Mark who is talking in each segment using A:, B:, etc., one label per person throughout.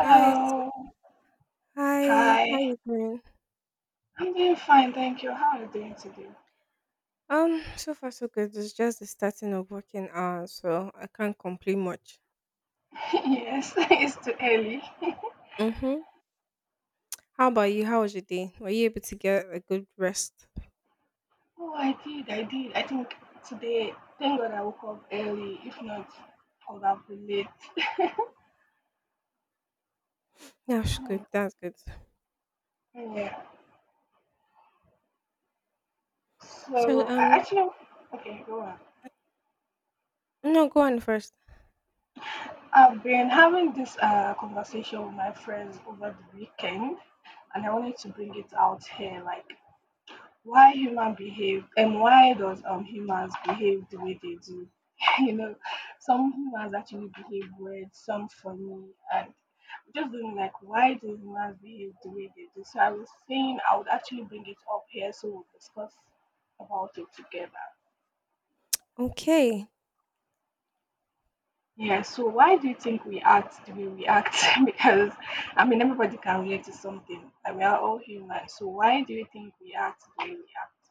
A: Hi, s- hi, how
B: Hi.
A: you doing?
B: I'm doing fine, thank you. How are you doing today?
A: So far so good. It's just the starting of working hours, so I can't complain much.
B: Yes, it's too early.
A: Mm-hmm. How about you? How was your day? Were you able to get a good rest?
B: Oh, I did. I think today, thank God I woke up early. If not, I would have been late.
A: That's good. That's good.
B: Yeah.
A: So
B: So, I
A: um,
B: actually, okay, go on.
A: no, go on first.
B: I've been having this conversation with my friends over the weekend, and I wanted to bring it out here. Like, why human behave, and why does humans behave the way they do. you know some humans actually behave weird, some funny, and just doing like why do humans behave the way they do. So I was saying I would actually bring it up here so we'll discuss about it together.
A: Okay.
B: Yeah, so why do you think we act the way we act? Because everybody can relate to something, like we are all human. So why do you think we act the way we act?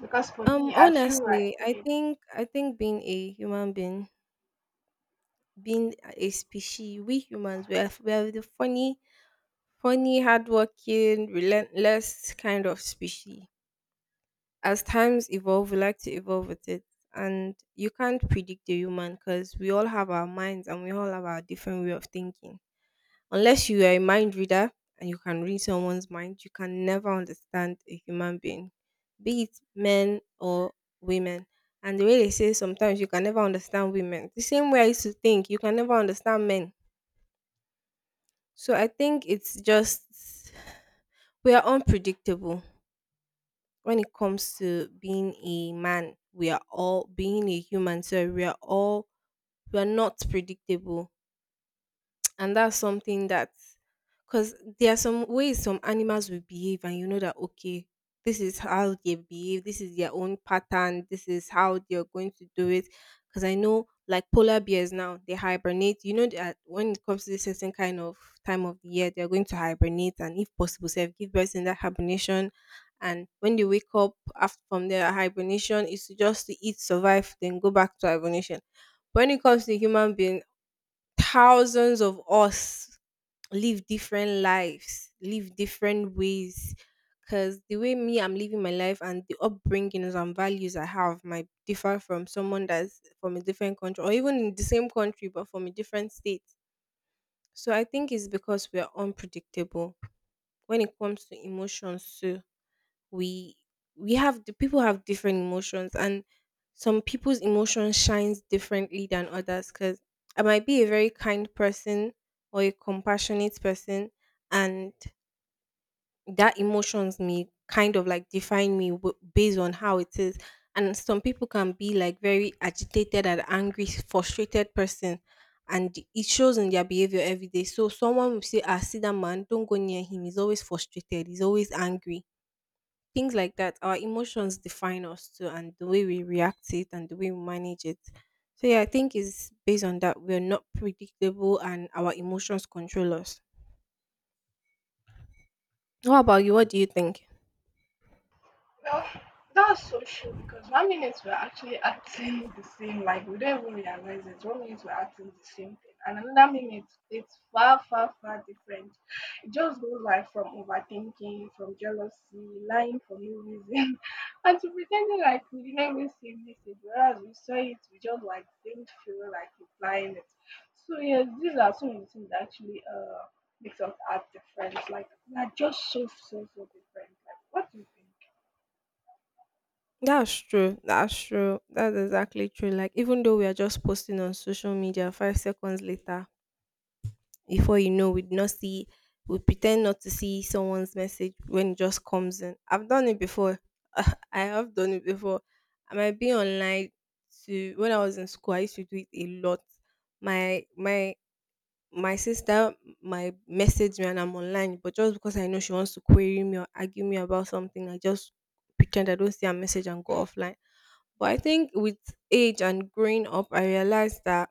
B: Because for
A: Um,
B: me, I feel like
A: honestly, I
B: okay.
A: think I think being a human being, being a species, we humans, we are the funny, funny, hardworking, relentless kind of species. As times evolve, we like to evolve with it. And you can't predict the human because we all have our minds and we all have our different way of thinking. Unless you are a mind reader and you can read someone's mind, you can never understand a human being, be it men or women. And the way they say sometimes you can never understand women. The same way I used to think you can never understand men. So I think it's just we are unpredictable. When it comes to being a man, we are all being a human, so we are not predictable, and that's something that, because there are some ways some animals will behave and you know that, okay, this is how they behave, this is their own pattern, this is how they're going to do it. Because I know like polar bears now, they hibernate. You know that when it comes to this certain kind of time of the year, they're going to hibernate, and if possible self give birth in that hibernation, and when they wake up after, from their hibernation is to just to eat, survive, then go back to hibernation. When it comes to human beings, thousands of us live different lives, live different ways. Because the way me, I'm living my life, and the upbringings and values I have might differ from someone that's from a different country or even in the same country but from a different state. So I think it's because we are unpredictable when it comes to emotions. So we we have, the people have different emotions, and some people's emotions shines differently than others. Because I might be a very kind person or a compassionate person, and that emotions may kind of like define me based on how it is. And some people can be like very agitated and angry, frustrated person, and it shows in their behavior every day. So someone will say, ah, see that man, don't go near him, he's always frustrated, he's always angry, things like that. Our emotions define us too, and the way we react it and the way we manage it. So yeah, I think it's based on that, we're not predictable and our emotions control us. What about you? What do you think?
B: Well, that's so true because 1 minute we're actually acting the same, like we don't even realize it. 1 minute we're acting the same thing, and another minute it's far, far, far different. It just goes like from overthinking, from jealousy, lying for no reason, and to pretending like we didn't even see this, whereas we saw it, we just like didn't feel like replying it. So yes, these are some of the things that actually makes us act different. Like we're just so, so, so different. Like what do you think?
A: That's true, that's true, that's exactly true. Like even though we are just posting on social media 5 seconds later, before you know, we'd not see, we pretend not to see someone's message when it just comes in. I've done it before. I have done it before. I might be online to. When I was in school I used to do it a lot. My my my sister might message me and I'm online, but just because I know she wants to query me or argue me about something, I just pretend I don't see her message and go offline. But I think with age and growing up I realized that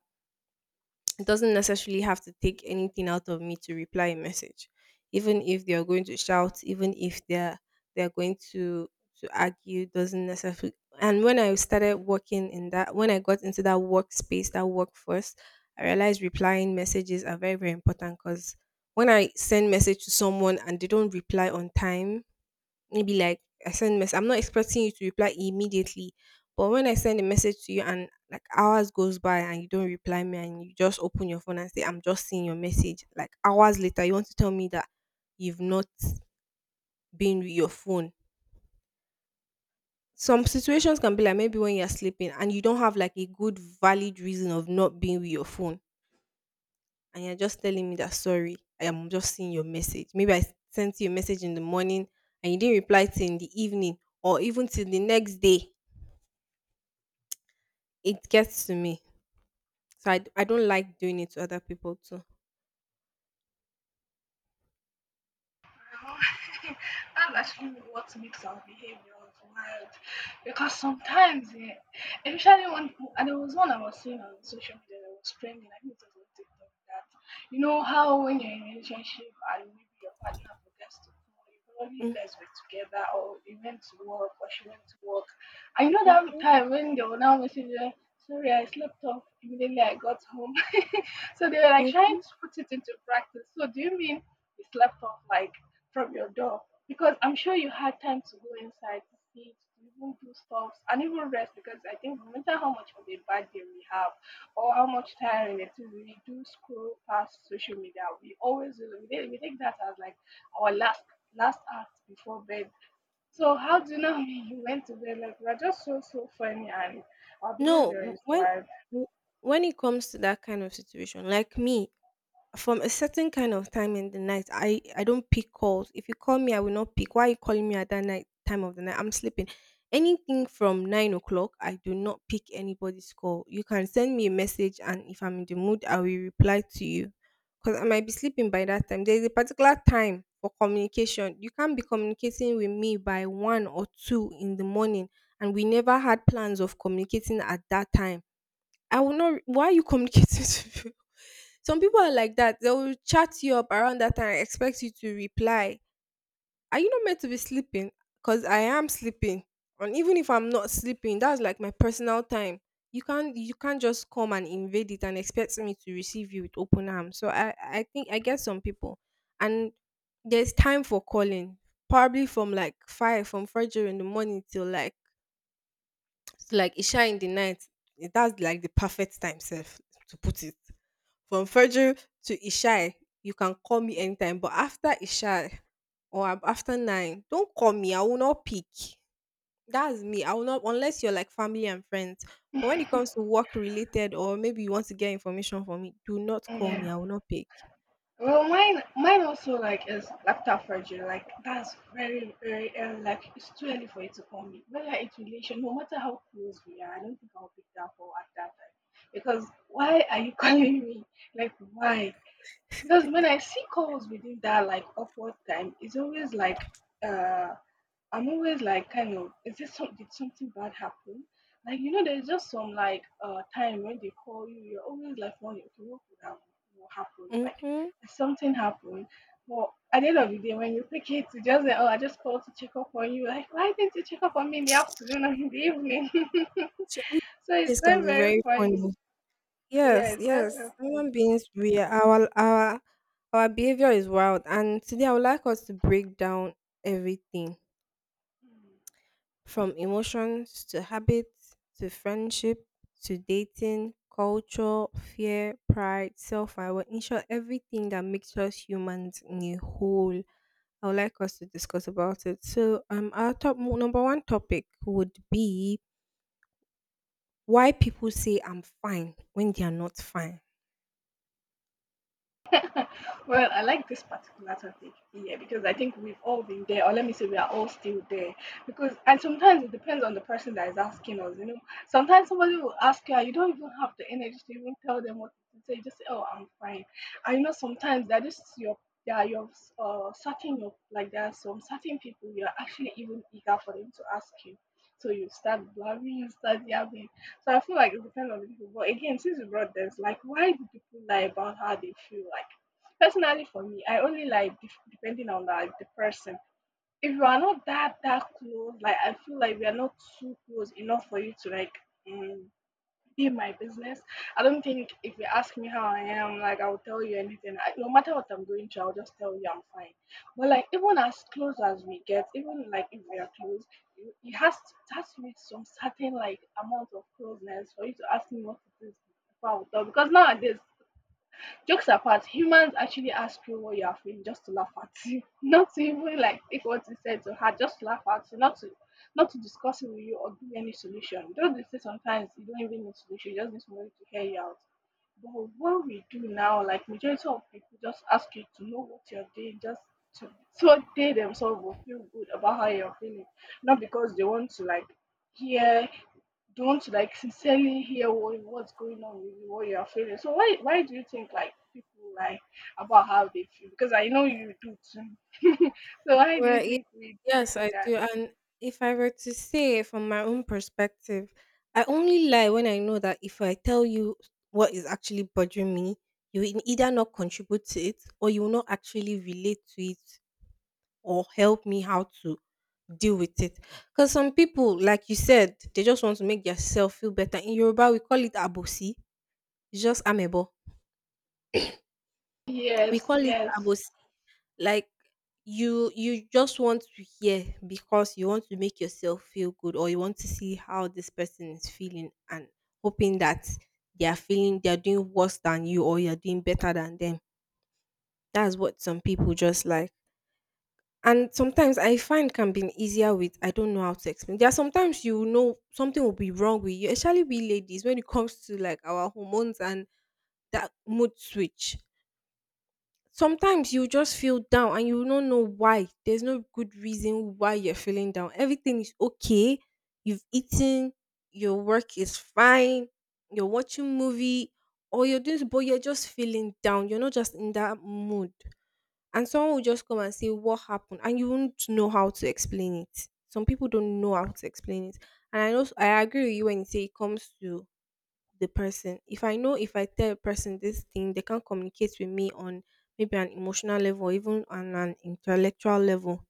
A: it doesn't necessarily have to take anything out of me to reply a message, even if they're going to shout, even if they're going to argue, doesn't necessarily. And when I started working, in that, when I got into that workspace that workforce, I realized replying messages are very, very important. Because when I send message to someone and they don't reply on time, maybe like I send mess. I'm not expecting you to reply immediately, but when I send a message to you and like hours goes by and you don't reply me and you just open your phone and say I'm just seeing your message, like hours later, you want to tell me that you've not been with your phone. Some situations can be like maybe when you're sleeping and you don't have like a good valid reason of not being with your phone, and you're just telling me that sorry, I am just seeing your message. Maybe I sent you a message in the morning and you didn't reply till in the evening or even till the next day. It gets to me. So I don't like doing it to other people too.
B: That's actually what makes our behaviors wild because sometimes, yeah, especially when, and there was one I was seeing on social media that was trending, I think it was on TikTok, that you know how when you're in a relationship and maybe your partner forgets to call you, probably you
A: Mm.
B: guys were together or you went to work or she went to work. And you know that
A: Mhm.
B: time when they were now messaging, sorry, I slept off immediately I got home. So they were like trying
A: Mhm.
B: to put it into practice. So do you mean you slept off like from your door? Because I'm sure you had time to go inside to sit, to even do stuff, and even rest, because I think no matter how much of a bad day we have or how much tiring it is, we do scroll past social media. We always do. We take that as like our last last act before bed. So how do you know you went to bed? Like we're just so so funny and our
A: No,
B: behavior is wild.
A: w- when it comes to that kind of situation, like me, from a certain kind of time in the night, I don't pick calls. If you call me I will not pick. Why are you calling me at that night, time of the night, I'm sleeping. Anything from 9 o'clock I do not pick anybody's call. You can send me a message, and if I'm in the mood I will reply to you, because I might be sleeping by that time. There's a particular time for communication. You can't be communicating with me by 1 or 2 in the morning and we never had plans of communicating at that time. I will not. Why are you communicating to you? Some people are like that. They will chat you up around that time and expect you to reply. Are you not meant to be sleeping? Because I am sleeping, and even if I'm not sleeping, that's like my personal time. You can't just come and invade it and expect me to receive you with open arms. So I think I get some people, and there's time for calling. Probably from like five, from Friday in the morning till like, so like Isha in the night, that's like the perfect time self, to put it. From Fajr to Isha, you can call me anytime, but after Isha or after 9, don't call me. I will not pick. That's me. I will not, unless you're like family and friends. But when it comes to work related, or maybe you want to get information from me, do not call
B: Yeah.
A: me. I will not pick.
B: Well, mine also like is laptop surgery. Like that's very, very early. Like it's too early for you to call me. Whether it's relation, no matter how close we are, I don't think I'll pick that call at that time. Because why are you calling me? Like why? Because when I see calls within that like upward time, it's always like uh I'm always like kind of, is this some, did something bad happen? Like you know, there's just some like time when they call you, you're always like wondering, okay, what could have what happened? Like
A: Mm-hmm.
B: did something happened. But at the end of the day, when you pick it, you just say, oh, I just called to check up on you. Like why didn't you check up on me in the afternoon or in the evening?
A: So
B: So it's
A: replays can
B: very
A: be
B: very
A: very funny.
B: funny. Yeah,
A: Yes,
B: it's very very
A: yes.
B: funny.
A: Human beings, we are, our behavior is wild, and today I would like us to break down everything from emotions to habits to friendship to dating, culture, fear, pride, self awareness, in short, everything that makes us humans in a whole. I would like us to discuss about it. So, our top number one topic would be why people say I'm fine when they are not fine.
B: Well, I like this particular topic here because I think we've all been there, or let me say we are all still there. Because and sometimes it depends on the person that is asking us. You know, sometimes somebody will ask you, and you don't even have the energy to even tell them what to say. You just say, "Oh, I'm fine." And you know, sometimes that is your yeah, you're certain, your, like there are some certain people you're actually even eager for them to ask you. So you start blabbing, you start yapping. So I feel like it depends on the people. But again, since you brought this, like, why do people lie about how they feel? Like personally for me, I only like depending on like the person. If you are not that close, like I feel like we are not too close enough for you to like mm, be my business. I don't think if you ask me how I am, like I will tell you anything. I, no matter what I'm going through, I'll just tell you I'm fine. But like even as close as we get, even like if we are close, it has to be some certain like amount of closeness for you to ask me what it is before I will tell. Because nowadays jokes apart, humans actually ask you what you are feeling just to laugh at you, not to even like take what you said to her, just to laugh at you, not to discuss it with you or give you any solution. Don't they say sometimes you don't even need solution, you just need somebody to hear you out. But what we do now, like majority of people just ask you to know what you're doing, just to so they themselves will feel good about how you're feeling, not because they want to like hear, don't like sincerely hear what's going on with you, what you are feeling. So why do you think like people like about how they feel? Because I know you do too. So why do you
A: Well,
B: think we
A: yes,
B: do
A: I
B: that?
A: do. And if I were to say from my own perspective, I only lie when I know that if I tell you what is actually bothering me, you will either not contribute to it or you will not actually relate to it, or help me how to deal with it. Because some people, like you said, they just want to make yourself feel better. In Yoruba, we call it abosi, it's just amebo. We call
B: Yes,
A: it
B: yes,
A: abosi. Like you just want to hear because you want to make yourself feel good, or you want to see how this person is feeling, and hoping that they are doing worse than you, or you're doing better than them. That's what some people just like. And sometimes I find can be easier with, I don't know how to explain. There are sometimes you know something will be wrong with you, especially we ladies when it comes to like our hormones and that mood switch. Sometimes you just feel down and you don't know why. There's no good reason why you're feeling down. Everything is okay. You've eaten, your work is fine, you're watching movie, or you're doing, but you're just feeling down. You're not just in that mood. And someone will just come and say what happened and you won't know how to explain it. Some people don't know how to explain it. And I know, I agree with you when you say it comes to the person. If I know, if I tell a person this thing, they can't communicate with me on maybe an emotional level, even on an intellectual level.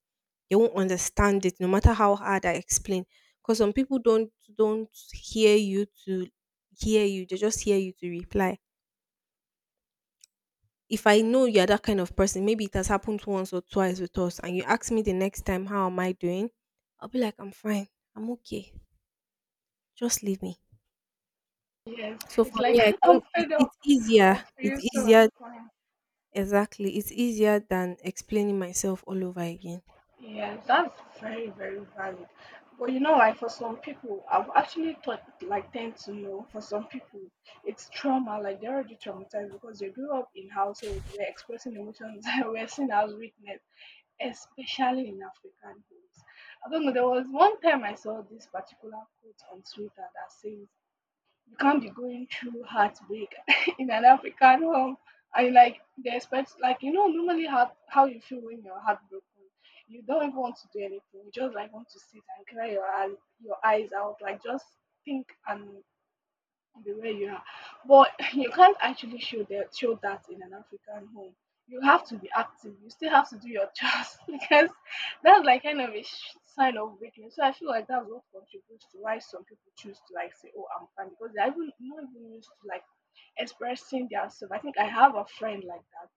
A: They won't understand it no matter how hard I explain. Because some people don't hear you to hear you, they just hear you to reply. If I know you're that kind of person, maybe it has happened once or twice with us, and you ask me the next time, how am I doing? I'll be like, I'm fine, I'm okay, just leave me.
B: yes.
A: So
B: It's
A: for
B: like
A: me, I
B: I'm
A: think it,
B: fed up
A: it's easier.
B: of
A: It's
B: you, so
A: easier.
B: I'm fine.
A: Exactly. It's easier than explaining myself all over again.
B: Yeah, that's very, very valid. But you know, like for some people, I've actually thought, like, tend to know, for some people, it's trauma, like they're already traumatized because they grew up in households where expressing emotions were seen as weakness, especially in African homes. I don't know, there was one time I saw this particular quote on Twitter that says, you can't be going through heartbreak in an African home. And like they expect, like you know, normally how you feel when you're heartbroken, you don't even want to do anything. You just like want to sit and cry your your eyes out, like just think and be where you are. But you can't actually show that in an African home. You have to be active. You still have to do your jobs because that's like kind of a sign of weakness. So I feel like that's what contributes to why some people choose to like say, "Oh, I'm fine," because they're even not even used to like expressing themselves. I think I have a friend like that.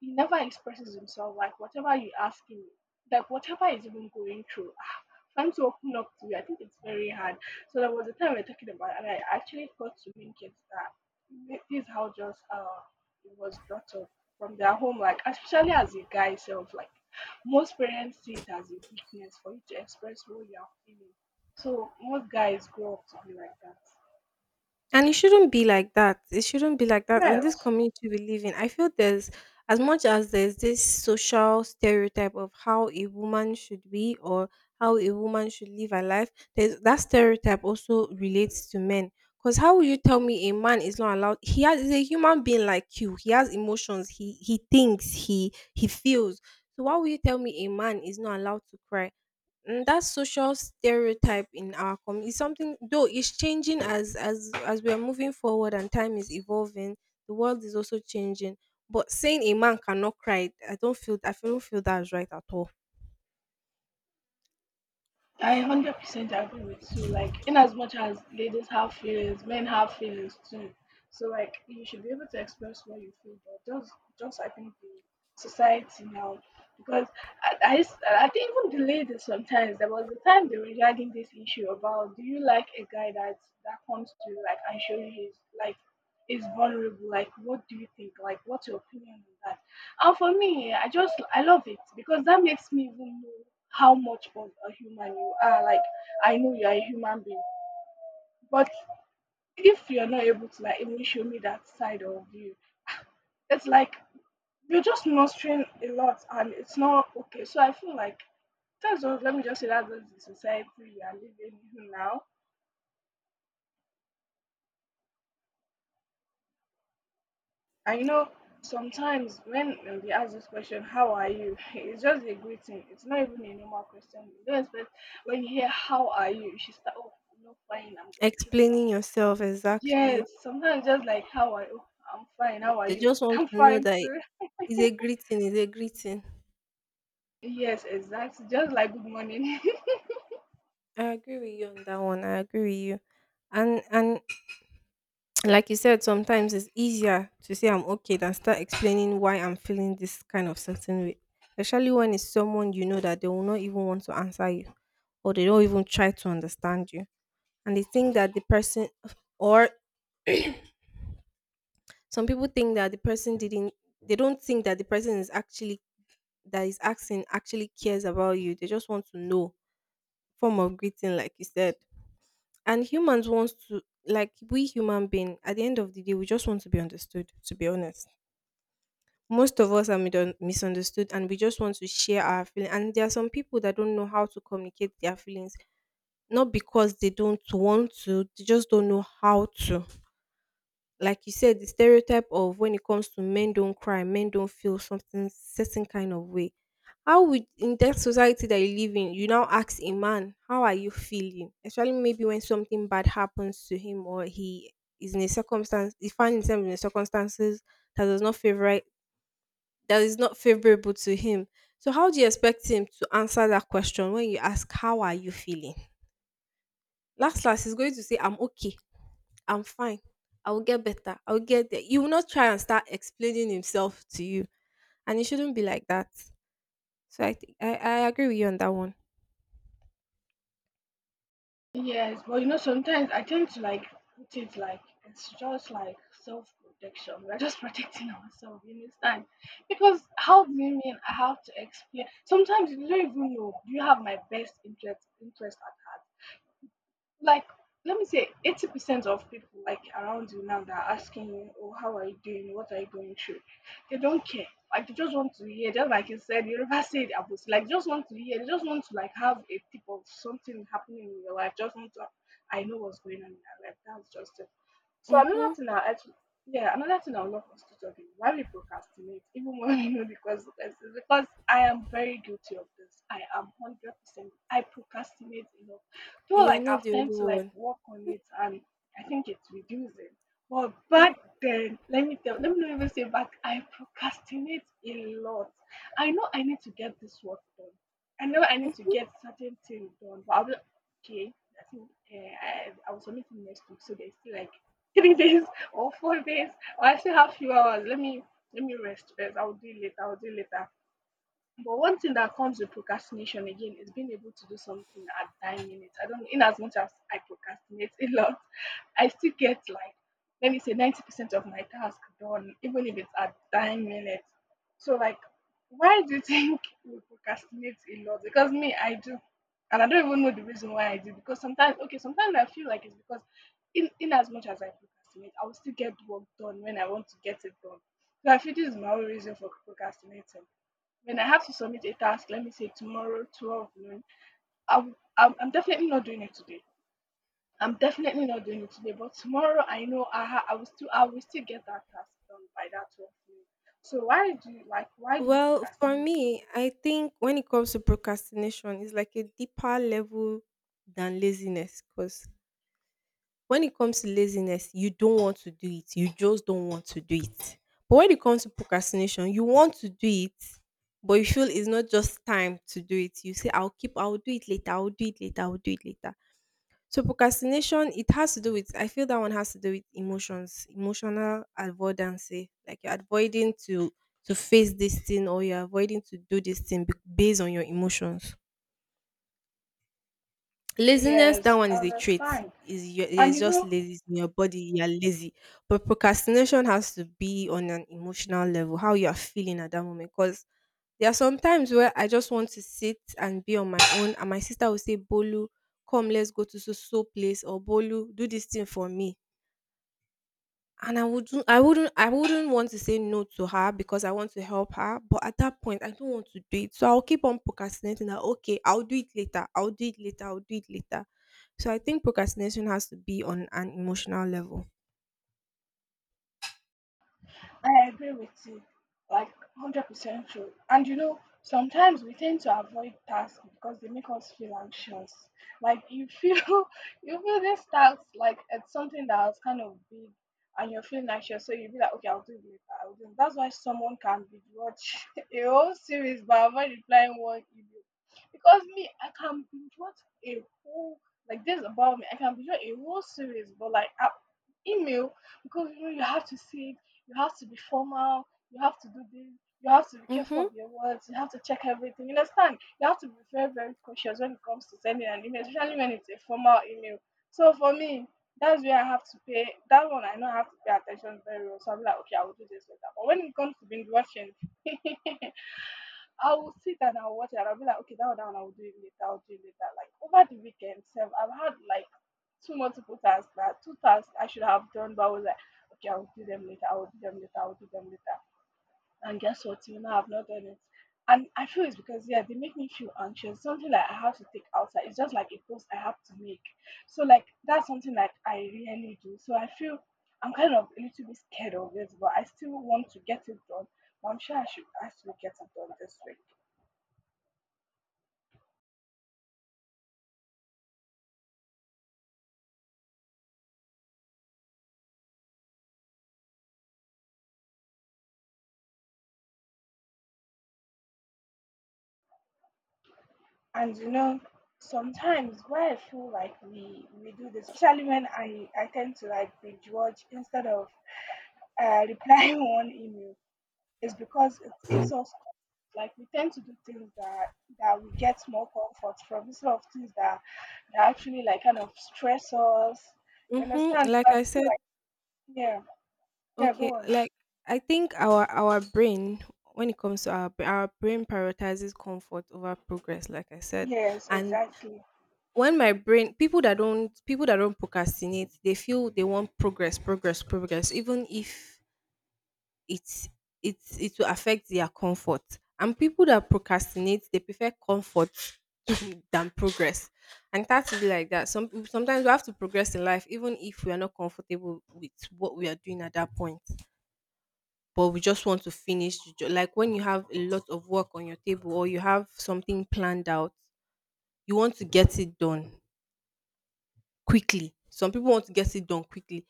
B: He never expresses himself. Like whatever you ask him, like whatever is even going through, ah, trying to open up to you. I think it's very hard. So there was a time we were talking about, and I actually got to link it that this is how just it was brought up from their home, like especially as a guy self, like most parents see it as a weakness for you to express what you are feeling. So most guys grow up to be like that.
A: And it shouldn't be like that. It shouldn't be like that. In this
B: Yes.
A: community we live in, I feel there's as much as there's this social stereotype of how a woman should be or how a woman should live her life, there's that stereotype also relates to men. Because how will you tell me a man is not allowed? He's a human being like you. He has emotions. He thinks. He feels. So why will you tell me a man is not allowed to cry? That social stereotype in our community is something, though it's changing as we are moving forward and time is evolving, the world is also changing. But saying a man cannot cry, I don't feel that's right at all.
B: I 100% agree with you. Like, in as much as ladies have feelings, men have feelings too. So, like, you should be able to express what you feel, but just I think the society now, because I think even the ladies sometimes, there was a time they were regarding this issue about, do you like a guy that comes to you, like, and show you his, like, is vulnerable, like, what do you think? Like, what's your opinion on that? And for me, I just I love it because that makes me even know how much of a human you are. Like I know you're a human being, but if you're not able to like even show me that side of you, it's like you're just mustering a lot, and it's not okay. So I feel like that's what, let me just say that, that's the society we are living in now. And you know, sometimes when they ask this question, how are you? It's just a greeting. It's not even a normal question. You don't expect, when you hear how are you, you should start, oh, I'm not fine. I'm going through this.
A: Explaining
B: I'm-"
A: yourself, exactly.
B: Yes, sometimes just like how are you? "Oh, I'm fine. How are
A: They
B: you?
A: just want
B: I'm
A: to know
B: fine
A: that.
B: too.
A: It's a greeting it's a greeting.
B: Yes, exactly. Just like good morning.
A: I agree with you on that one. I agree with you. And like you said, sometimes it's easier to say I'm okay than start explaining why I'm feeling this kind of certain way. Especially when it's someone you know that they will not even want to answer you, or they don't even try to understand you. And they think that or the person didn't they don't think that the person is actually that is asking actually cares about you. They just want to know. Form of greeting, like you said. And humans wants to like We human being, at the end of the day, we just want to be understood, to be honest. Most of us are misunderstood and we just want to share our feelings. And there are some people that don't know how to communicate their feelings, not because they don't want to, they just don't know how to. Like you said, the stereotype of when it comes to men don't cry, men don't feel something certain kind of way. How would, in that society that you live in, you now ask a man, how are you feeling? Especially maybe when something bad happens to him, or he is in a circumstance, he finds himself in a circumstances that does not favor that is not favorable to him. So how do you expect him to answer that question when you ask how are you feeling? Last last he's going to say I'm okay. I'm fine. I will get better. I will get there. He will not try and start explaining himself to you. And it shouldn't be like that. So I think I agree with you on that one.
B: Yes, but you know, sometimes I tend to put it like it's just like self protection. We're just protecting ourselves, you understand? Because how do you mean I have to explain? Sometimes you don't even know. Do you have my best interest at heart? like Let me say 80% of people like around you now that are asking you, oh, how are you doing, what are you going through, they don't care. Like, they just want to hear, just like you said, you never said, about like just want to hear, they just want to like have a tip of something happening in your life, just want to. I know what's going on in my life. That's just it. So
A: Mm-hmm.
B: another thing I actually Yeah, another thing I would love us to talk is why we procrastinate, even when we know the consequences. Because I am very guilty of this. I am 100%. I procrastinate a lot. Though
A: You're
B: like
A: not
B: I've
A: the
B: tend
A: only
B: to like
A: one.
B: work on it, and I think it's reducing. But back then, let me not even say back. I procrastinate a lot. I know I need to get this work done. I know I need to
A: Mhm.
B: get certain things done, but I'll be, okay, I think I will submit it next week, so there's still like 3 days or 4 days, or I still have few hours. Let me rest first. I'll do it later. I'll do it later. But one thing that comes with procrastination again is being able to do something at 9 minutes. I don't In as much as I procrastinate a lot, I still get like, let me say, 90% of my task done, even if it's at 9 minutes. So like, why do you think we procrastinate a lot? Because me, I do. And I don't even know the reason why I do, because sometimes, okay, sometimes I feel like it's because in as much as I procrastinate, I will still get work done when I want to get it done. So I feel this is my own reason for procrastinating. When I have to submit a task, let me say tomorrow, 12 noon, I'm definitely not doing it today. I'm definitely not doing it today, but tomorrow I know I will still get that task done by that 12 noon. So why do you like, why do we
A: Well, for
B: procrastinate?
A: me, I think when it comes to procrastination, it's like a deeper level than laziness. Because when it comes to laziness, you don't want to do it. You just don't want to do it. But when it comes to procrastination, you want to do it, but you feel it's not just time to do it. You say, I'll keep, I'll do it later, I'll do it later, I'll do it later. So procrastination, it has to do with, I feel that one has to do with emotions, emotional avoidance. Eh. Like you're avoiding to face this thing, or you're avoiding to do this thing based on your emotions. Laziness, that
B: Yes,
A: one
B: I
A: is a trait.
B: understand.
A: Is you're
B: And you
A: just
B: know,
A: lazy. In your body, you're lazy. But procrastination has to be on an emotional level, how you're feeling at that moment. Because there are some times where I just want to sit and be on my own, and my sister will say, Bolu, come, let's go to so so place, or Bolu, do this thing for me. And I wouldn't want to say no to her because I want to help her. But at that point I don't want to do it. So I'll keep on procrastinating that okay, I'll do it later. I'll do it later. I'll do it later. So I think procrastination has to be on an emotional level.
B: I agree with you, like, 100% true. And you know, sometimes we tend to avoid tasks because they make us feel anxious. Like you feel you feel this task like it's something that was kind of big, and you're feeling anxious, so you be like, okay, I'll do it later. I'll do it. That's why someone can be watch a whole series but avoid replying one email. Because me, I can binge watch a whole, like, this about me. I can binge watch a whole series, but like I. Email. Because you know you have to see it, you have to be formal, you have to do this, you have to be careful
A: Mhm.
B: of your words, you have to check everything. You understand? You have to be very, very cautious when it comes to sending an email, especially when it's a formal email. So for me, that's where I have to pay, that one I know I have to pay attention very well. So I'm like, okay, I will do this later. But when it comes to binge watching, I will sit and I'll watch it and I'll be like, okay, that one, I'll do it later, I'll do it later. Like over the weekend, self, I've had like two tasks I should have done, but I was like, okay, I'll do them later, I'll do them later, I'll do them later. And guess what? Till now, I've not done it. And I feel it's because, yeah, they make me feel anxious. Something like I have to take outside. It's just like a post I have to make. So, like, that's something like I really do. So, I feel I'm kind of a little bit scared of it, but I still want to get it done. But I'm sure I should actually get it done this week. And you know, sometimes where I feel like we do this, especially when I tend to like binge watch instead of replying one email, is because it gives us comfort. Like, we tend to do things that we get more comfort from instead of things that actually like kind of stress us, you
A: Mhm.
B: understand? So
A: Like
B: I
A: I
B: feel
A: said,
B: like, yeah. Yeah,
A: okay,
B: go on.
A: like I think our brain, when it comes to our our brain prioritizes comfort over progress, like I said.
B: Yes,
A: And
B: exactly.
A: when my brain People that don't procrastinate, they feel they want progress, progress, progress, even if It's it it will affect their comfort. And people that procrastinate, they prefer comfort than progress. And that's really like that. Some sometimes we have to progress in life, even if we are not comfortable with what we are doing at that point. But we just want to finish. Like when you have a lot of work on your table, or you have something planned out, you want to get it done quickly. Some people want to get it done quickly.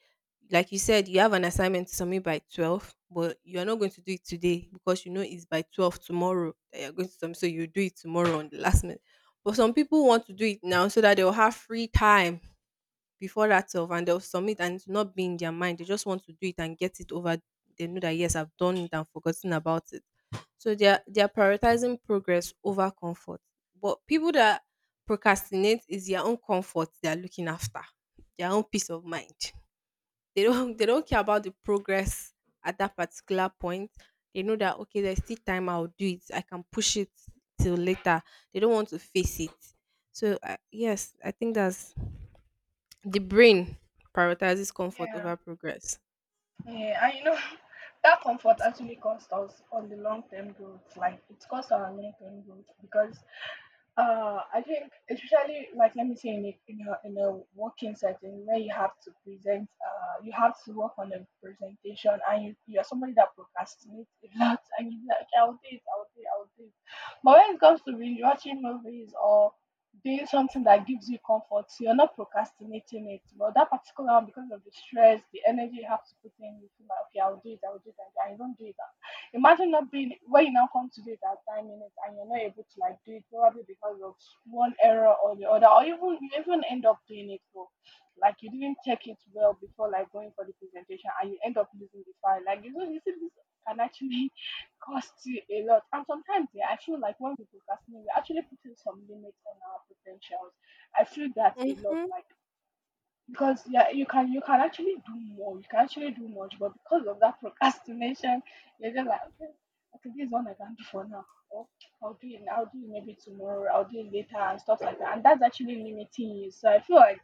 A: Like you said, you have an assignment to submit by 12, but you are not going to do it today because you know it's by 12 tomorrow that you're going to submit. So you do it tomorrow on the last minute. But some people want to do it now so that they'll have free time before that 12, and they'll submit and it's not be in their mind. They just want to do it and get it over. They know that, yes, I've done it and forgotten about it. So they are prioritizing progress over comfort. But people that procrastinate, is their own comfort they are looking after, their own peace of mind. They don't they don't care about the progress at that particular point. They know that okay, there's still time. I'll do it. I can push it till later. They don't want to face it. So yes, I think that's the brain prioritizes comfort
B: Yeah.
A: over progress.
B: Yeah, and you know, that comfort actually costs us on the long term growth. Like, it costs our long term growth, because I think, especially like, let me say, in in a working setting where you have to present, you have to work on a presentation, and you are somebody that procrastinates a lot, and you're like, I'll do it, I'll do it, I'll do it. But when it comes to binge watching movies or doing something that gives you comfort, you're not procrastinating it. But that particular one, because of the stress, the energy you have to put in, you feel like, okay, I'll do it, I'll do it, I'll do it, and you don't do it. Imagine not being when you now come to do it at 9 minutes and you're not able to like do it, probably because of one error or the other, or even you even end up doing it for, like, you didn't check it well before, like, going for the presentation, and you end up losing the file. Like, you know, you see, this can actually cost you a lot. And sometimes, yeah, I feel like when we procrastinate, we're actually putting some limits on our potentials. I feel that a lot.
A: Mhm.
B: Like, because yeah, you can actually do more. You can actually do much, but because of that procrastination, you're just like, okay, okay, this is one I can do for now. Or I'll do it. I'll do it maybe tomorrow. I'll do it later and stuff like that. And that's actually limiting you. So I feel like,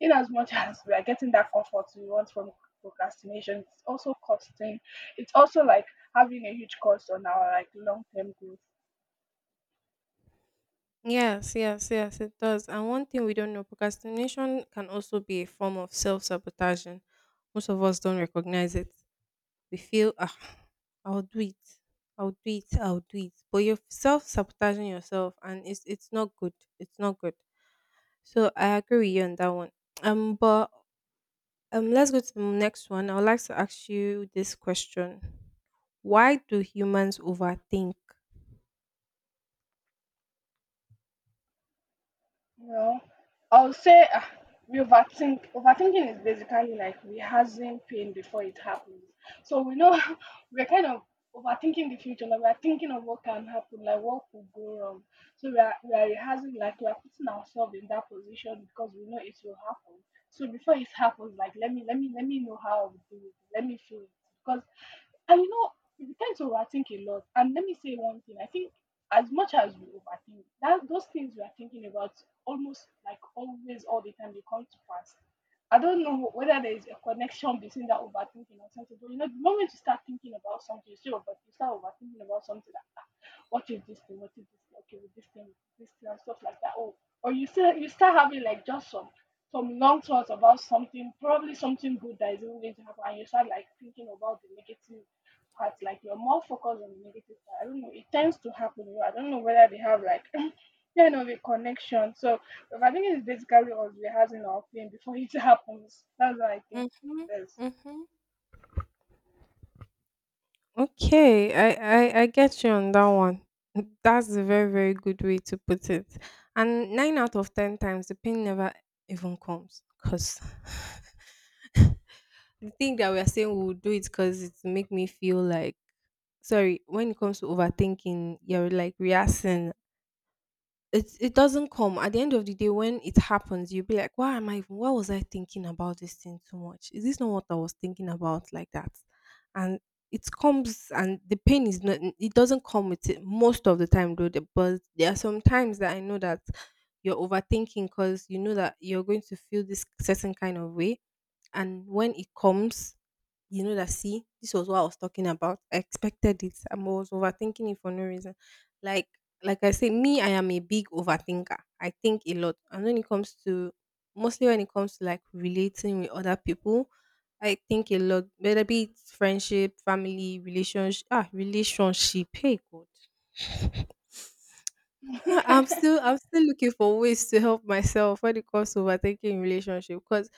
B: in as much as we are getting that comfort we want from procrastination, it's also costing. It's also like having a huge cost on our, like, long term goals.
A: Yes, yes, yes, it does. And one thing we don't know, procrastination can also be a form of self sabotaging. Most of us don't recognize it. We feel, ah, I'll do it, I'll do it, I'll do it. But you're self sabotaging yourself, and it's not good. It's not good. So I agree with you on that one. But let's go to the next one. I would like to ask you this question: why do humans overthink?
B: Well, I will say we overthink. Overthinking is basically like rehearsing pain before it happens. So we know we're kind of overthinking the future. Like, we're thinking of what can happen, like what could go wrong. So we are rehearsing, like we are putting ourselves in that position because we know it will happen. So before it happens, like, let me know how I will do it. Let me feel it, because, and you know, we tend to overthink a lot. And let me say one thing. I think, as much as we overthink, that those things we are thinking about, almost like always all the time, they come to pass. I don't know whether there is a connection between that overthinking or something, but you know, the moment you start thinking about something, you start overthinking about something that, ah, what is this thing? What is this? Thing? Okay, with this thing, and stuff like that. Oh, or you start having like just some long thoughts about something, probably something good that isn't going to happen, and you start like thinking about the negative parts. Like, you're more focused on the negative part. I don't know. It tends to happen. You know, I don't know whether they have like kind of a connection. So, but I think it's basically us rehearsing our pain before it happens. That's what I think
A: Mm-hmm.
B: it is.
A: Mm-hmm. Okay, I get you on that one. That's a very, very good way to put it. And nine out of ten times, the pain never even comes, because the thing that we are saying we'll do it because it make me feel like, sorry, when it comes to overthinking, you're like reacting, it doesn't come. At the end of the day, when it happens, you'll be like, why am I even, why was I thinking about this thing too much, is this not what I was thinking about like that? And it comes, and the pain is not, it doesn't come with it most of the time, though but there are some times that I know that you're overthinking because you know that you're going to feel this certain kind of way. And when it comes, you know that, see, this was what I was talking about. I expected it. I was overthinking it for no reason. Like, like I say, me, I am a big overthinker. I think a lot. And when it comes to, mostly when it comes to like relating with other people, I think a lot, whether be it friendship, family, relationship, ah, relationship. Hey, God. I'm still looking for ways to help myself when it comes to overthinking in relationship. Because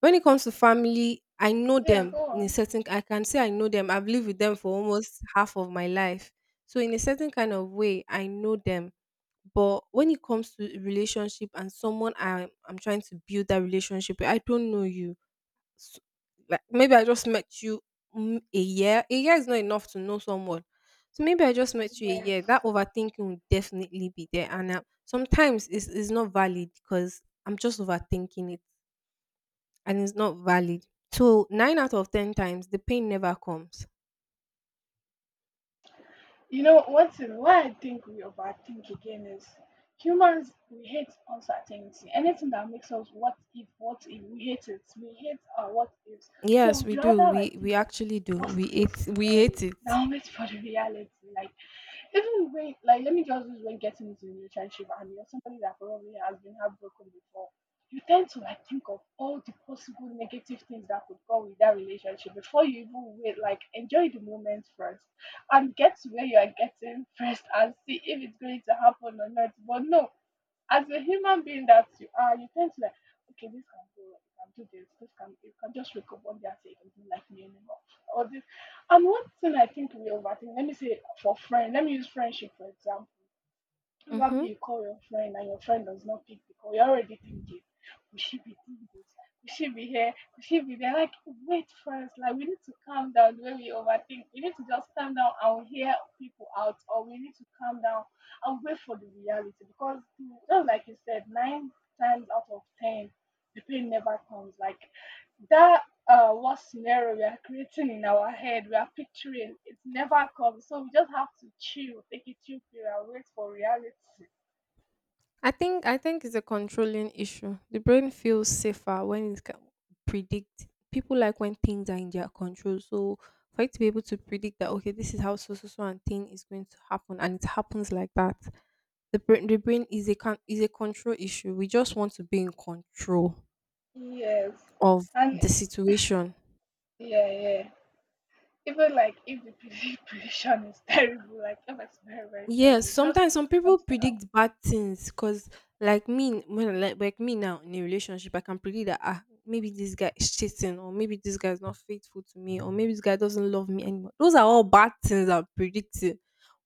A: when it comes to family, I know
B: yeah,
A: them
B: go
A: in a
B: on.
A: certain, I can say I know them. I've lived with them for almost half of my life. So in a certain kind of way, I know them. But when it comes to relationship and someone I'm trying to build that relationship with, I don't know you. s- like maybe I just met you, mm, a year. A year is not enough to know someone. So maybe I just met you a year.
B: Yes.
A: That overthinking will definitely be there, and sometimes it's not valid because I'm just overthinking it, and it's not valid. So nine out of ten times, the pain never comes.
B: You know, one thing why I think we overthink again is, humans, we hate uncertainty. Anything that makes us what if, what if, we hate it. We hate our what ifs. So
A: Yes, we
B: we'd
A: do.
B: rather
A: We
B: like think
A: we
B: of
A: actually do. We
B: worst case
A: hate we
B: scenario
A: hate it.
B: than wait for the reality. Like, even when, like, let me just use, when getting into a relationship and you're somebody that probably has been heartbroken before, you tend to like think of all the possible negative things that could go with that relationship before you even wait. Like, enjoy the moment first and get to where you are getting first and see if it's going to happen or not. But no, as a human being that you are, you tend to like, okay, this can go wrong, you can do this, this can you can just wake up one day and say you don't like me anymore. Or this and one thing I think we overthink, let me use friendship for example.
A: Mm-hmm.
B: Probably you call your friend and your friend does not pick because you're already thinking, we should be doing this? We should be here? We should be there? Like, wait first. Like, we need to calm down the way we overthink. We need to just calm down and hear people out, or we need to calm down and wait for the reality. Because, just like you said, nine times out of ten, the pain never comes. Like, that what scenario we are creating in our head, we are picturing. It never comes. So we just have to chill, take a chill period, and wait for reality.
A: I think it's a controlling issue. The brain feels safer when it can predict. People like when things are in their control. So for it to be able to predict that okay, this is how so so so and thing is going to happen, and it happens like that. The brain is a control issue. We just want to be in control
B: Yes.
A: of
B: And
A: the situation.
B: Yeah, yeah. Even like if the prediction is terrible, like if it's very, very
A: Yes,
B: terrible, just
A: sometimes some people
B: want to help.
A: predict bad things because, like me, like me now in a relationship, I can predict that ah maybe this guy is cheating, or maybe this guy is not faithful to me, or maybe this guy doesn't love me anymore. Those are all bad things I'm predicting.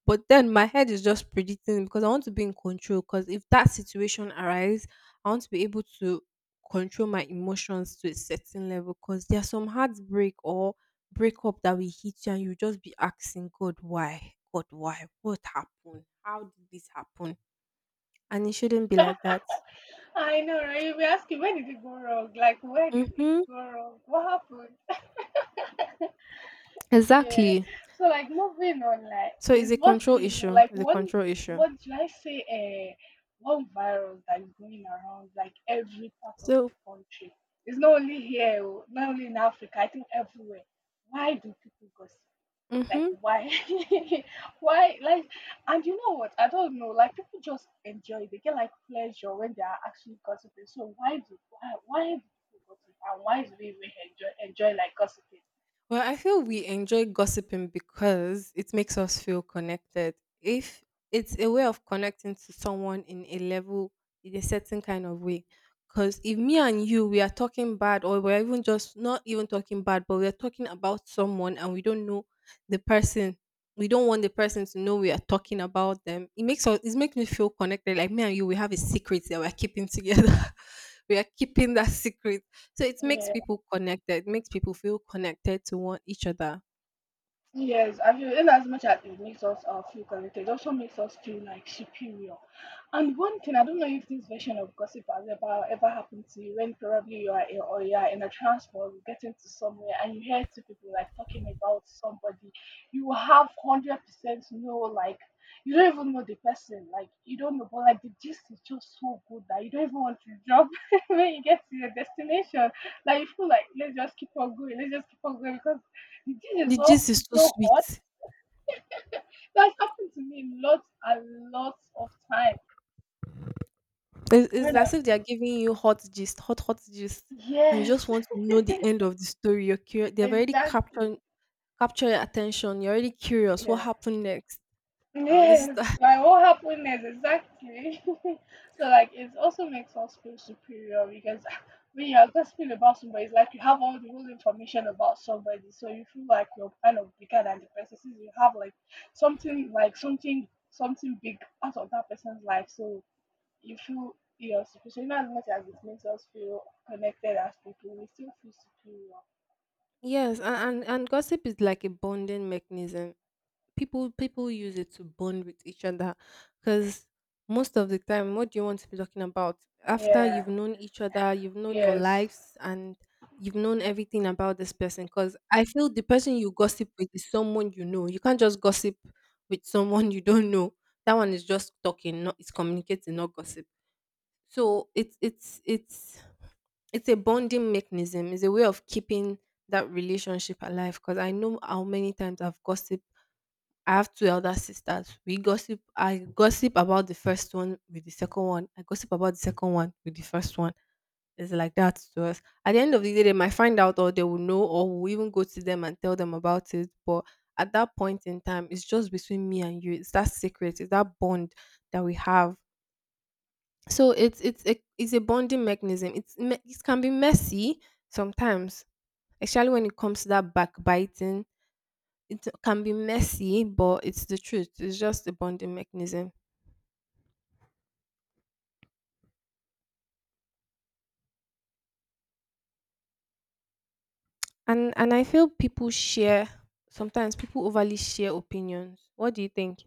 A: But then my head is just predicting because I want to be in control. Because if that situation arises, I want to be able to control my emotions to a certain level. Because there's some heartbreak or breakup that will hit you and you just be asking God why? God why? What happened? How did this happen? And it shouldn't be like that.
B: I know, right? You'll be asking, where did it go wrong? Like, where did it
A: Mm-hmm.
B: go wrong? What happened? Yeah.
A: Exactly.
B: So like moving on, like
A: So it's
B: there's
A: a
B: one
A: control
B: thing,
A: issue.
B: like
A: It's a
B: one
A: control issue.
B: what should I say, uh, one virus that is going around like every part of
A: So
B: the country. It's not only here, oh, not only in Africa, I think everywhere. Why do people gossip? Like
A: mm-hmm.
B: why? why like and you know what? I don't know. Like people just enjoy it. They get like pleasure when they are actually gossiping. So why do people gossip, and why do we even enjoy like gossiping?
A: Well, I feel we enjoy gossiping because it makes us feel connected. If it's a way of connecting to someone in a level, in a certain kind of way. Because if me and you, we are talking bad, or we're even just not even talking bad, but we're talking about someone and we don't know the person, we don't want the person to know we are talking about them. It makes us, it makes me feel connected. Like me and you, we have a secret that we're keeping together. We are keeping that secret, so it makes
B: Yeah.
A: people connected. It makes people feel connected to one each other.
B: Yes, I feel in as much as it makes us feel connected, it also makes us feel like superior. And one thing, I don't know if this version of gossip has ever happened to you when probably you are in a transport getting to somewhere and you hear two people like talking about somebody, you have 100% know like you don't even know the person, like you don't know, but like the gist is just so good that you don't even want to drop when you get to your destination. Like you feel like let's just keep on going, let's just keep on going because
A: The gist is
B: it's
A: so
B: so hot.
A: sweet.
B: That's happened to me lots and lots of time.
A: It's
B: When I,
A: as if they are giving you hot gist, hot, hot gist, and you
B: yes,
A: just want to know the end of the story. You're curious. They've already captured
B: exactly.
A: captured your attention. You're already curious. What
B: Yeah.
A: happened next? This is
B: Yes,
A: the-
B: my whole happiness exactly. So like it also makes us feel superior because when you're gossiping about somebody, it's like you have all the whole information about somebody, so you feel like you're kind of bigger than the person since you have like something like something big out of that person's life. So you feel your superior. As much as it makes us feel connected as people, we still feel superior.
A: yes, and gossip is like a bonding mechanism. People use it to bond with each other, because most of the time what do you want to be talking about after you've
B: Yeah.
A: known each other, you've known your
B: Yes.
A: lives, and you've known everything about this person? Because I feel the person you gossip with is someone you know. You can't just gossip with someone you don't know. That one is just talking, not it's communicating, not gossip. So it's a bonding mechanism. It's a way of keeping that relationship alive, because I know how many times I've gossiped. I have two elder sisters. We gossip. I gossip about the first one with the second one. I gossip about the second one with the first one. It's like that to us. At the end of the day, they might find out, or they will know, or we'll even go to them and tell them about it. But at that point in time, it's just between me and you. It's that secret. It's that bond that we have. So it's a bonding mechanism. It can be messy sometimes, especially when it comes to that backbiting. It can be messy, but it's the truth. It's just a bonding mechanism. And I feel people share, sometimes people overly share opinions. What do you think?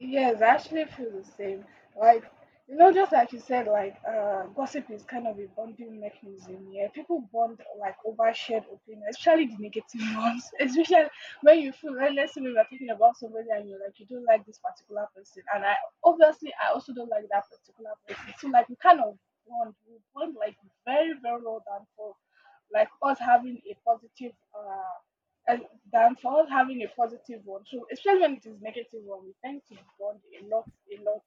B: Yes, I actually feel the same. Like, just like you said, like, gossip is kind of a bonding mechanism. Yeah, people bond like over shared opinion, especially the negative ones. Especially when you feel, let's say we were talking about somebody and you're like, you don't like this particular person. And I, obviously, I also don't like that particular person. So, like, we bond like very, very well down for like us having a positive, and than for us having a positive one. So especially when it is negative one, we tend to bond a lot, a lot.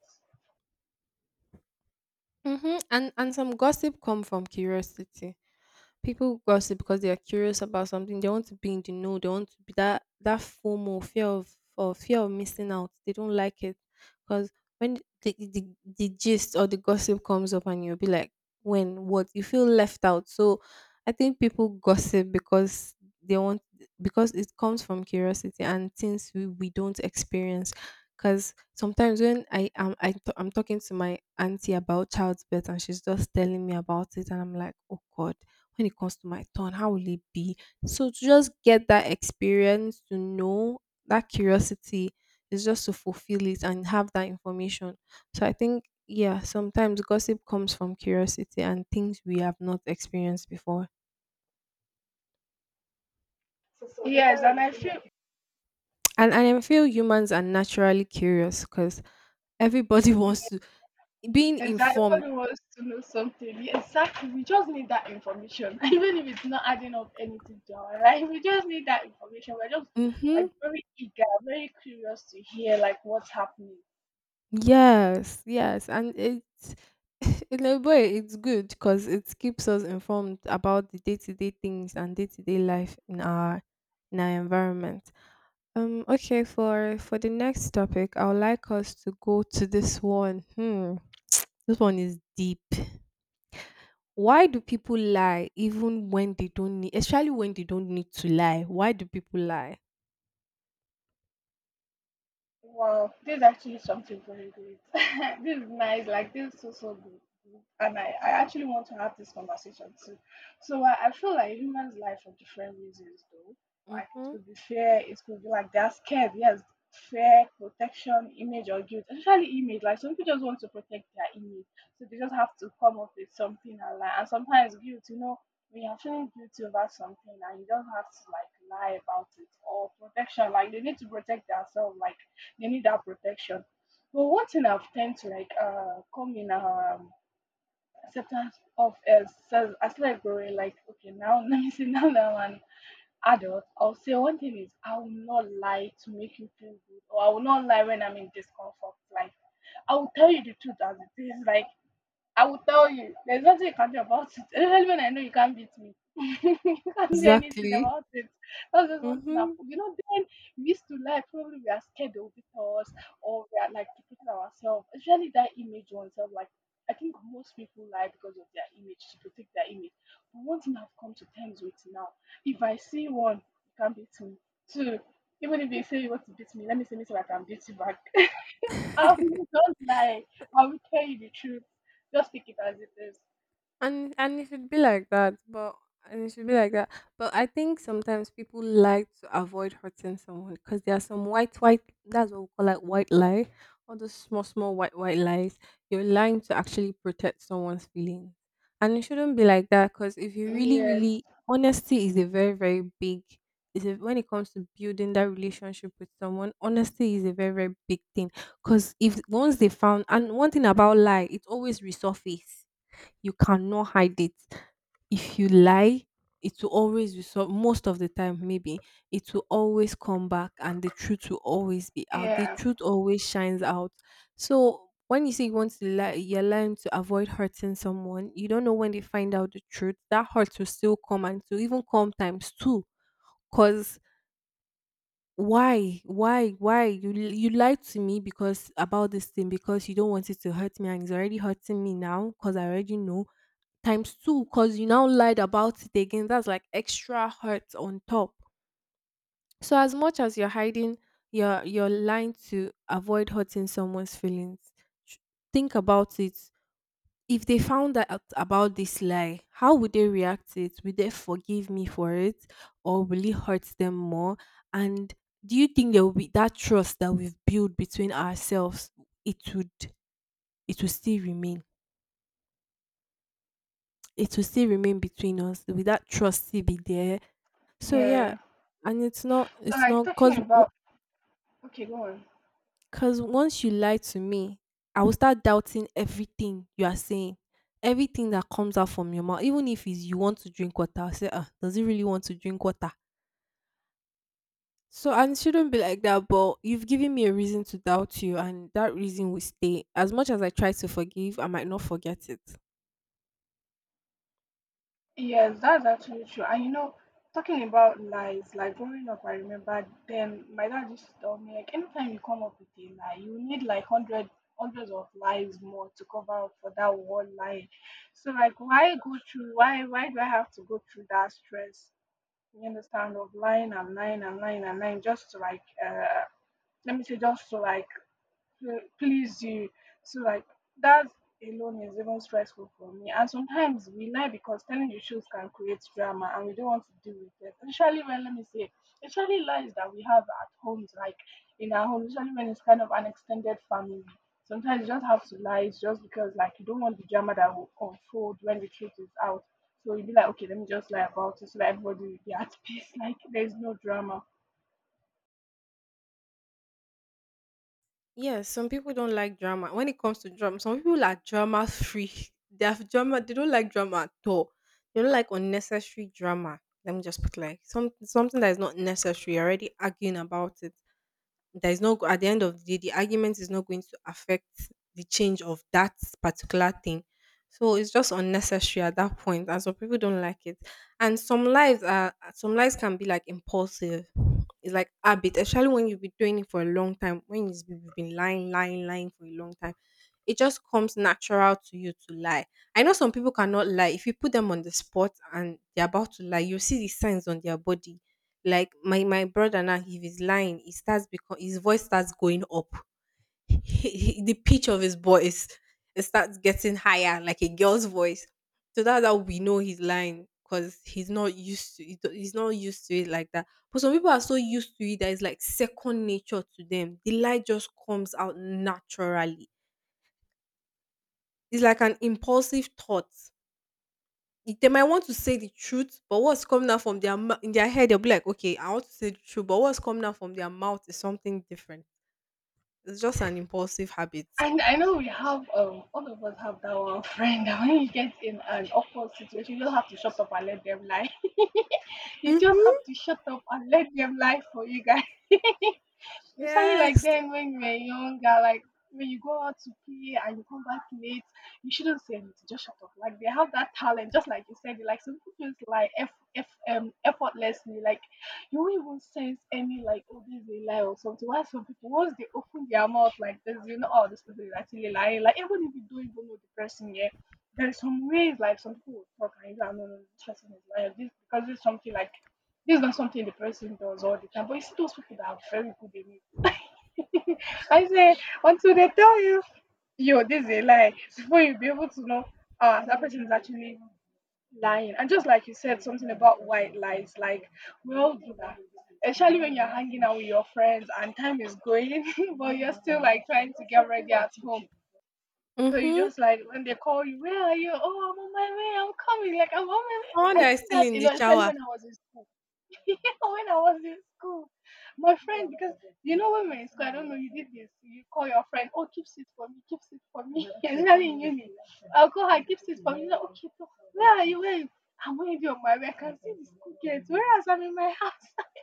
A: Mm-hmm. And some gossip come from curiosity. People gossip because they are curious about something. They want to be in the know. They want to be that FOMO, fear of, or fear of missing out. They don't like it, because when the gist or the gossip comes up and you'll be like, when what, you feel left out. So I think people gossip because they want, because it comes from curiosity and things we don't experience. Because sometimes when I am I t- I'm talking to my auntie about childbirth and she's just telling me about it and I'm like, oh God, when it comes to my turn? How will it be? So to just get that experience, to know, that curiosity is just to fulfill it and have that information. So I think yeah, sometimes gossip comes from curiosity and things we have not experienced before.
B: So yes, and I feel.
A: And I feel humans are naturally curious, because everybody wants to being
B: Exactly,
A: informed.
B: everybody wants to know something, yeah, exactly. We just need that information, even if it's not adding up anything to our life. We just need that information. We're just like
A: Mhm.
B: very eager, very curious to hear like what's happening.
A: Yes, yes, and it's in a way it's good because it keeps us informed about the day-to-day things and day-to-day life in our environment. Okay, for the next topic, I would like us to go to this one. Hmm, this one is deep. Why do people lie even when they don't need, especially when they don't need to lie? Why do people lie?
B: Wow, this is actually something very great. This is nice. Like this is so so good. And I actually want to have this conversation too. So I feel like humans lie for different reasons though. Like it
A: Mm-hmm.
B: could be fear, it could be like they're scared, yes. Fear, protection, image or guilt. Especially image. Like some people just want to protect their image. So they just have to come up with something and lie. And sometimes guilt, when you're feeling guilty about something and you don't have to like lie about it or protection, like they need to protect themselves. Like they need that protection. But one thing I've tend to like come in acceptance of as like growing. Like, okay, now, let me see now that I'm an adult, I'll say one thing is I will not lie to make you feel good, or I will not lie when I'm in discomfort. Like, I will tell you the truth as it is. Like, I will tell you. There's nothing you can do about it. Especially when I know you can't beat me. You can't do anything
A: Exactly.
B: about it. That's just one thing. I've,
A: Mm-hmm.
B: then we used to like probably we are scared they will beat us, or we are like protecting ourselves. Especially that image oneself. Like I think most people lie because of their image to protect their image. But one thing I've come to terms with now, if I see one, you can't beat me. Two, even if they say you want to beat me, let me see myself I can beat you back. I will not lie. I will tell you the truth. Just take it as it is.
A: And it should be like that, but, and it should be like that, but I think sometimes people like to avoid hurting someone, because there are some white white, that's what we call like white lie, all those small small white white lies. You're lying to actually protect someone's feelings, and it shouldn't be like that, because if you really
B: Yes.
A: really, honesty is a very very big, is a, when it comes to building that relationship with someone, honesty is a very very big thing. Because if once they found, and one thing about lie, it always resurface. You cannot hide it. If you lie, it will always be, so most of the time maybe it will always come back, and the truth will always be out. The
B: Yeah.
A: truth always shines out. So when you say you want to lie, you're lying to avoid hurting someone. You don't know when they find out the truth. That hurt will still come and to even come times two. Cause why you lied to me, because about this thing, because you don't want it to hurt me, and it's already hurting me now because I already know, times two, because you now lied about it again. That's like extra hurt on top. So as much as you're hiding, you're lying to avoid hurting someone's feelings. sh- Think about it. If they found out about this lie, how would they react to it? Would they forgive me for it, or will it hurt them more? And do you think there will be that trust that we've built between ourselves? It would, it will still remain. It will still remain between us. Will that trust still be there? So yeah,
B: Yeah.
A: and it's not
B: So
A: it's
B: like
A: not
B: talking about Okay, go on.
A: cause once you lie to me, I will start doubting everything you are saying. Everything that comes out from your mouth, even if it's you want to drink water, I say, ah, does he really want to drink water? So, and it shouldn't be like that, but you've given me a reason to doubt you, and that reason will stay. As much as I try to forgive, I might not forget it.
B: Yes, that's actually true. And talking about lies, like growing up I remember then my dad used to tell me like anytime you come up with a lie, you need like hundreds of lies more to cover up for that one lie. So like why do I have to go through that stress? You understand? Of lying and lying and lying and lying just to like, let me say, just to like to please you. So like that alone is even stressful for me. And sometimes we lie because telling the truth can create drama and we don't want to deal with it. Especially when let me say Especially lies that we have at homes, like in our home, especially when it's kind of an extended family. Sometimes you just have to lie. It's just because like you don't want the drama that will unfold when the truth is out. So you'll be like, okay, let me just lie about it so that everybody will be at peace. Like there's no drama.
A: Yes, some people don't like drama. When it comes to drama, some people are drama free. They have drama. They don't like drama at all. They don't like unnecessary drama. Let me just put like some something that is not necessary. You're already arguing about it, there is no, at the end of the day the argument is not going to affect the change of that particular thing. So it's just unnecessary at that point, and some people don't like it. And some lives are, some lives can be like impulsive. It's like habit, especially when you've been doing it for a long time, when you've been lying for a long time, it just comes natural to you to lie. I know some people cannot lie. If you put them on the spot and they're about to lie, you see the signs on their body. Like my brother now, if he's lying, he starts, because his voice starts going up. The pitch of his voice, it starts getting higher, like a girl's voice. So that's how we know he's lying, because he's not used to it. He's not used to it like that. But some people are so used to it that it's like second nature to them. The lie just comes out naturally. It's like an impulsive thought. They might want to say the truth, but what's coming out from their mou in their head, they'll be like, "Okay, I want to say the truth," but what's coming out from their mouth is something different. It's just an impulsive habit.
B: And I know we have all of us have that one friend that when you get in an awkward situation, you just have to shut up and let them lie. You just have
A: Mhm.
B: to shut up and let them lie for you guys. Especially like
A: Yes.
B: then when you were younger, like when you go out to play and you come back late, you shouldn't say anything. Just shut up. Like they have that talent, just like you said. Like some people just like f f effortlessly. Like you won't even sense any like oh this is a lie or something. Why some people once they open their mouth like this, oh this person is actually lying. Like even if you don't even know the person yet, there's some ways like some people will talk and no, no, no, this person is lying. This because it's something like this is not something the person does all the time. But you see those people that are very good in it. I said, until they tell you, yo, this is a lie, before you'll be able to know, ah, that person is actually lying. And just like you said, something about white lies, like, we all do that. Especially when you're hanging out with your friends and time is going, but you're still like trying to get ready at home. So you
A: Mhm.
B: just like when they call you, where are you? Oh, I'm on my way. I'm coming. Like I'm on my way.
A: Someone
B: I
A: that
B: do
A: is still
B: that
A: in
B: a
A: the
B: lot, especially
A: shower.
B: when I was in school. When I was in school, my friend, because you know when we're in school, I don't know, you did this. You call your friend, oh, keep it for me, keep it for me. Especially in uni. I'll call her, keep it for me. Like, okay, so where are you? Where I'm already on my way. I can see these cookies. Whereas I'm in my house.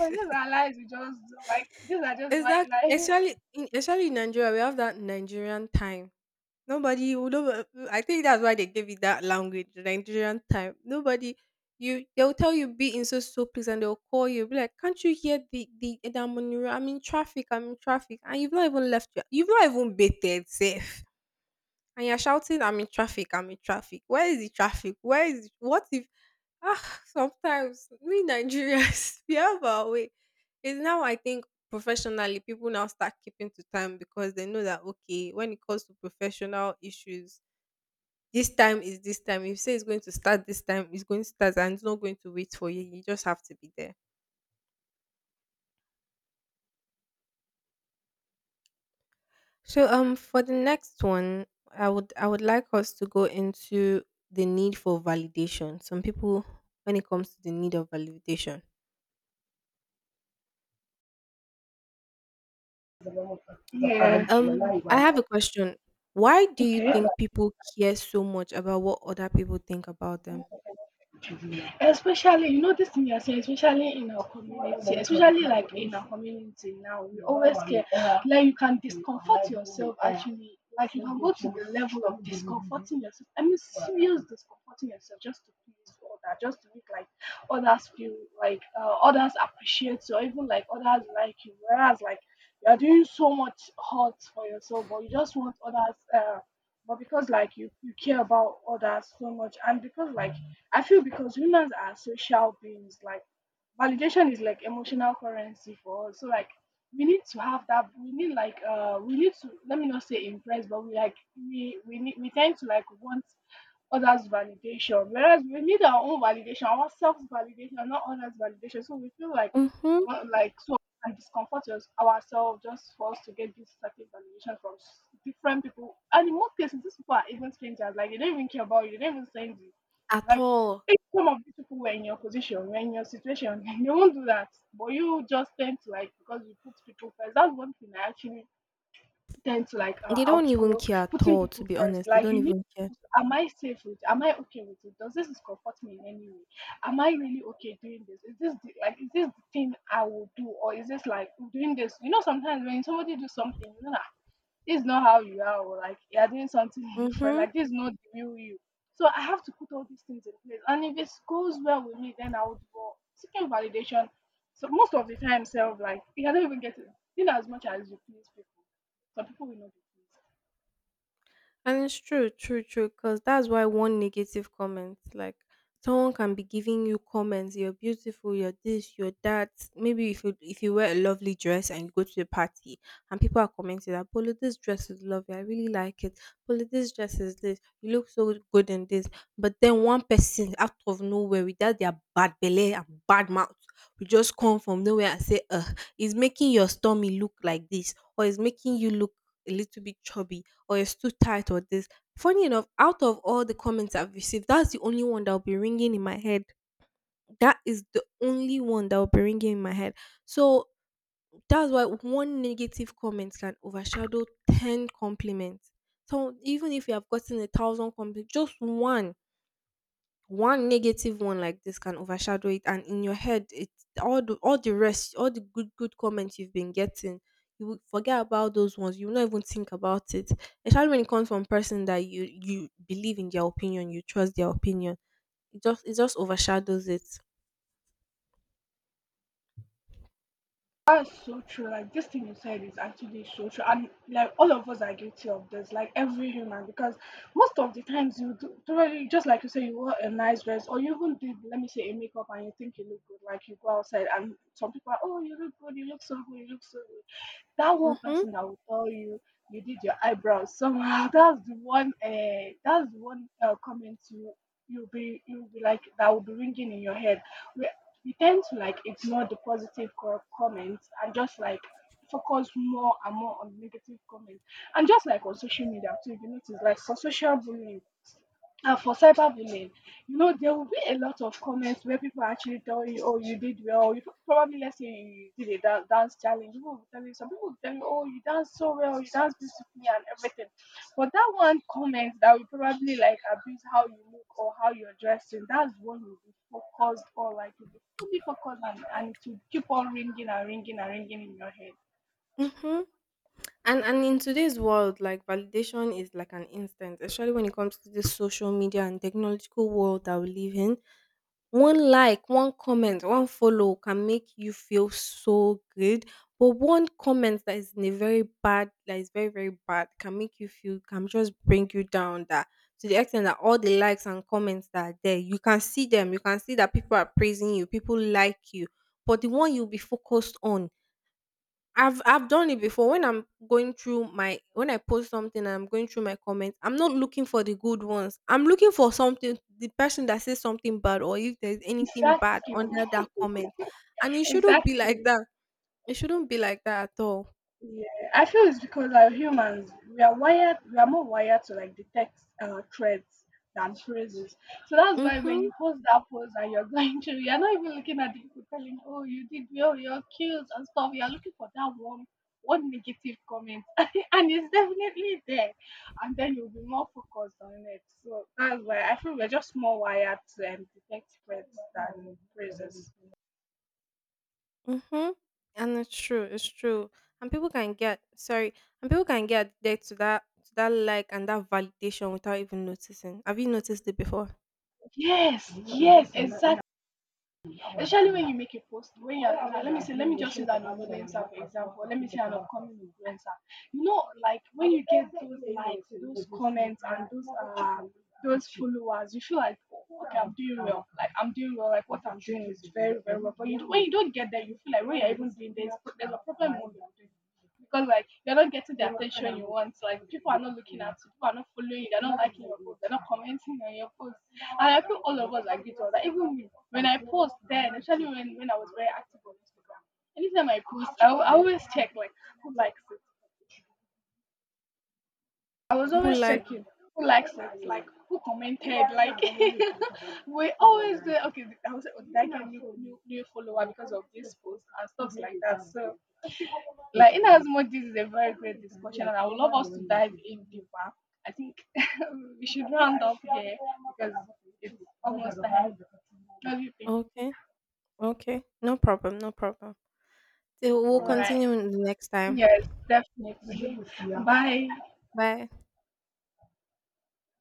B: So these are lies, we just like these are just white
A: Exactly.
B: lies.
A: Actually, in, especially in Nigeria, we have that Nigerian time. Nobody would over, I think that's why they gave it that language, the Nigerian time. Nobody, you, they'll tell you be in so so place and they'll call you, be like, can't you hear the Edamuniro? I'm in traffic, I'm in traffic, and you've not even left your, you've not even baited safe. And you're shouting, I'm in traffic, I'm in traffic. Where is the traffic? Where is it? What if, ah, sometimes we Nigerians we have our way. It's now I think professionally people now start keeping to time because they know that, okay, when it comes to professional issues, this time is this time. If you say it's going to start this time, it's going to start and it's not going to wait for you. You just have to be there. So for the next one, I would like us to go into the need for validation. Some people when it comes to the need of validation.
B: Yeah.
A: I have a question. Why do you
B: Okay.
A: think people care so much about what other people think about them?
B: Especially you know this thing you are saying, especially in our community, especially like in our community now, we always care. Like you can discomfort yourself actually. Like you can go to the level of discomforting yourself. I mean serious discomforting yourself just to please others, just to make like others feel like others appreciate you or even like others like you. Whereas like you are doing so much hurt for yourself, but you just want others but because like you care about others so much, and because like I feel because humans are social beings, like validation is like emotional currency for us. So like we need to have that, we need like we need to, let me not say impress, but we like we need, we tend to like want others validation, whereas we need our own validation, ourselves validation, not others validation. So we feel like
A: Mm-hmm.
B: well, like so and discomfort us, ourselves, just for us to get this certain validation from different people. And in most cases, these people are even strangers. Like they don't even care about you. They don't even send you.
A: At
B: Like
A: all.
B: if some of these people were in your position, were in your situation, they won't do that. But you just tend to like, because you put people first. That's one thing I actually tend to like
A: They don't even
B: outgrow,
A: care at
B: putting
A: all, to
B: people
A: be
B: first.
A: honest. They
B: Like
A: don't
B: you need,
A: even care.
B: am I safe with? Am I okay with it? Does this discomfort me in any way? Am I really okay doing this? Is this the, like is this the thing I will do, or is this like doing this? You know, sometimes when somebody do something, you know that this is not how you are, or like you are doing something different. Like
A: Mm-hmm.
B: this is not the real you. So I have to put all these things in place. And if it goes well with me, then I would go seeking validation. So most of the time, self, like you cannot even get it, in as much as you please people. Some people will not be pleased.
A: And it's true, true, true, because that's why one negative comment, like, someone can be giving you comments: you're beautiful, you're this, you're that. Maybe if you wear a lovely dress and you go to the party and people are commenting that, Polo, this dress is lovely, I really like it. Polo, this dress is this, you look so good in this. But then one person out of nowhere without their bad belly and bad mouth will just come from nowhere and say, it's making your stomach look like this, or it's making you look a little bit chubby, or it's too tight, or this. Funny enough, out of all the comments I've received, that's the only one that'll be ringing in my head. That is the only one that will be ringing in my head. So that's why one negative comment can overshadow 10 compliments. So even if you have gotten a thousand compliments, just one negative one like this can overshadow it, and in your head it, all the rest, all the good comments you've been getting, you will forget about those ones, you will not even think about it, especially when it comes from person that you believe in their opinion, you trust their opinion. It just overshadows it.
B: That's so true. Like this thing you said is actually so true, and like all of us are guilty of this. Like every human, because most of the times you do, probably just like you say, you wear a nice dress, or you even did, let me say, a makeup, and you think you look good. Like you go outside, and some people are, oh, you look good, you look so good, you look so good. That one
A: Mm-hmm,
B: person that will tell you, you did your eyebrows somehow. That's the one. That's the one comment you, you'll be like, that will be ringing in your head. We tend to like ignore the positive comments and just like focus more and more on negative comments. And just like on social media too, if you notice, like for social bullying and for cyberbullying, you know, there will be a lot of comments where people actually tell you, oh, you did well. You probably, let's say you did a dance challenge. People will tell you, some people will tell you, oh, you dance so well, you dance beautifully and everything. But that one comment that will probably like abuse how you look or how you're dressing, that's what you'll be focused, or like you'll be fully focused, and it will keep on ringing and ringing and ringing in your head.
A: mm-hmm. And in today's world, like, validation is like an instant, especially when it comes to this social media and technological world that we live in. One like, one comment, one follow can make you feel so good, but one comment that is in a very bad, that is very very bad, can make you feel, can just bring you down. That to the extent that all the likes and comments that are there, you can see them, you can see that people are praising you, people like you, but the one you'll be focused on. I've done it before when I'm going through my, when I post something and I'm going through my comments, I'm not looking for the good ones. I'm looking for something, the person that says something bad, or if there's anything bad
B: Exactly,
A: under that comment. And it shouldn't be like
B: exactly.
A: that. It shouldn't be like that at all.
B: Yeah, I feel it's because our humans, we are wired, we are more wired to like detect threats than phrases. So that's why when
A: Mhm.
B: you post that post and you're going through, you're not even looking at the people telling, "Oh, you did well, you're cute and stuff." You're looking for that one, one negative comment, and it's definitely there. And then you'll be more focused on it. So that's why I feel we're just more wired to detect threats than phrases.
A: Mhm. And it's true. It's true. And people can get, sorry. And people can get addicted to that, to that like and that validation without even noticing. Have you noticed it before?
B: Yes, yes, exactly. Especially when you make a post, when you're, let me say, let me just use an influencer for example, let me say an upcoming influencer. You know, like when you get those likes, those comments, and um those followers, you feel like, oh, okay, I'm doing well, like I'm doing well, like what I'm doing is very very well. But you, when you don't get there, you feel like when you're even doing this, there's a problem with what you're doing, because like you're not getting the attention you want, like people are not looking at you, people are not following you, they're not liking your post, they're not commenting on your post. And I feel all of us agree to that. Even me, when I post then, especially when I was very active on Instagram, anytime I post, I always check like who likes it. I was
A: Who
B: always
A: like?
B: checking who likes it, like who commented, like we always do. Okay, I was like, oh, did I get a new follower because of this post and stuff like that. So, like in as much this is a very great discussion, and I would love us to dive in deeper. I think we should round up here because it's almost time. What do you think?
A: Okay. Okay, no problem. No problem. So we'll
B: All right.
A: continue the next time.
B: Yes, definitely. Bye.
A: Bye.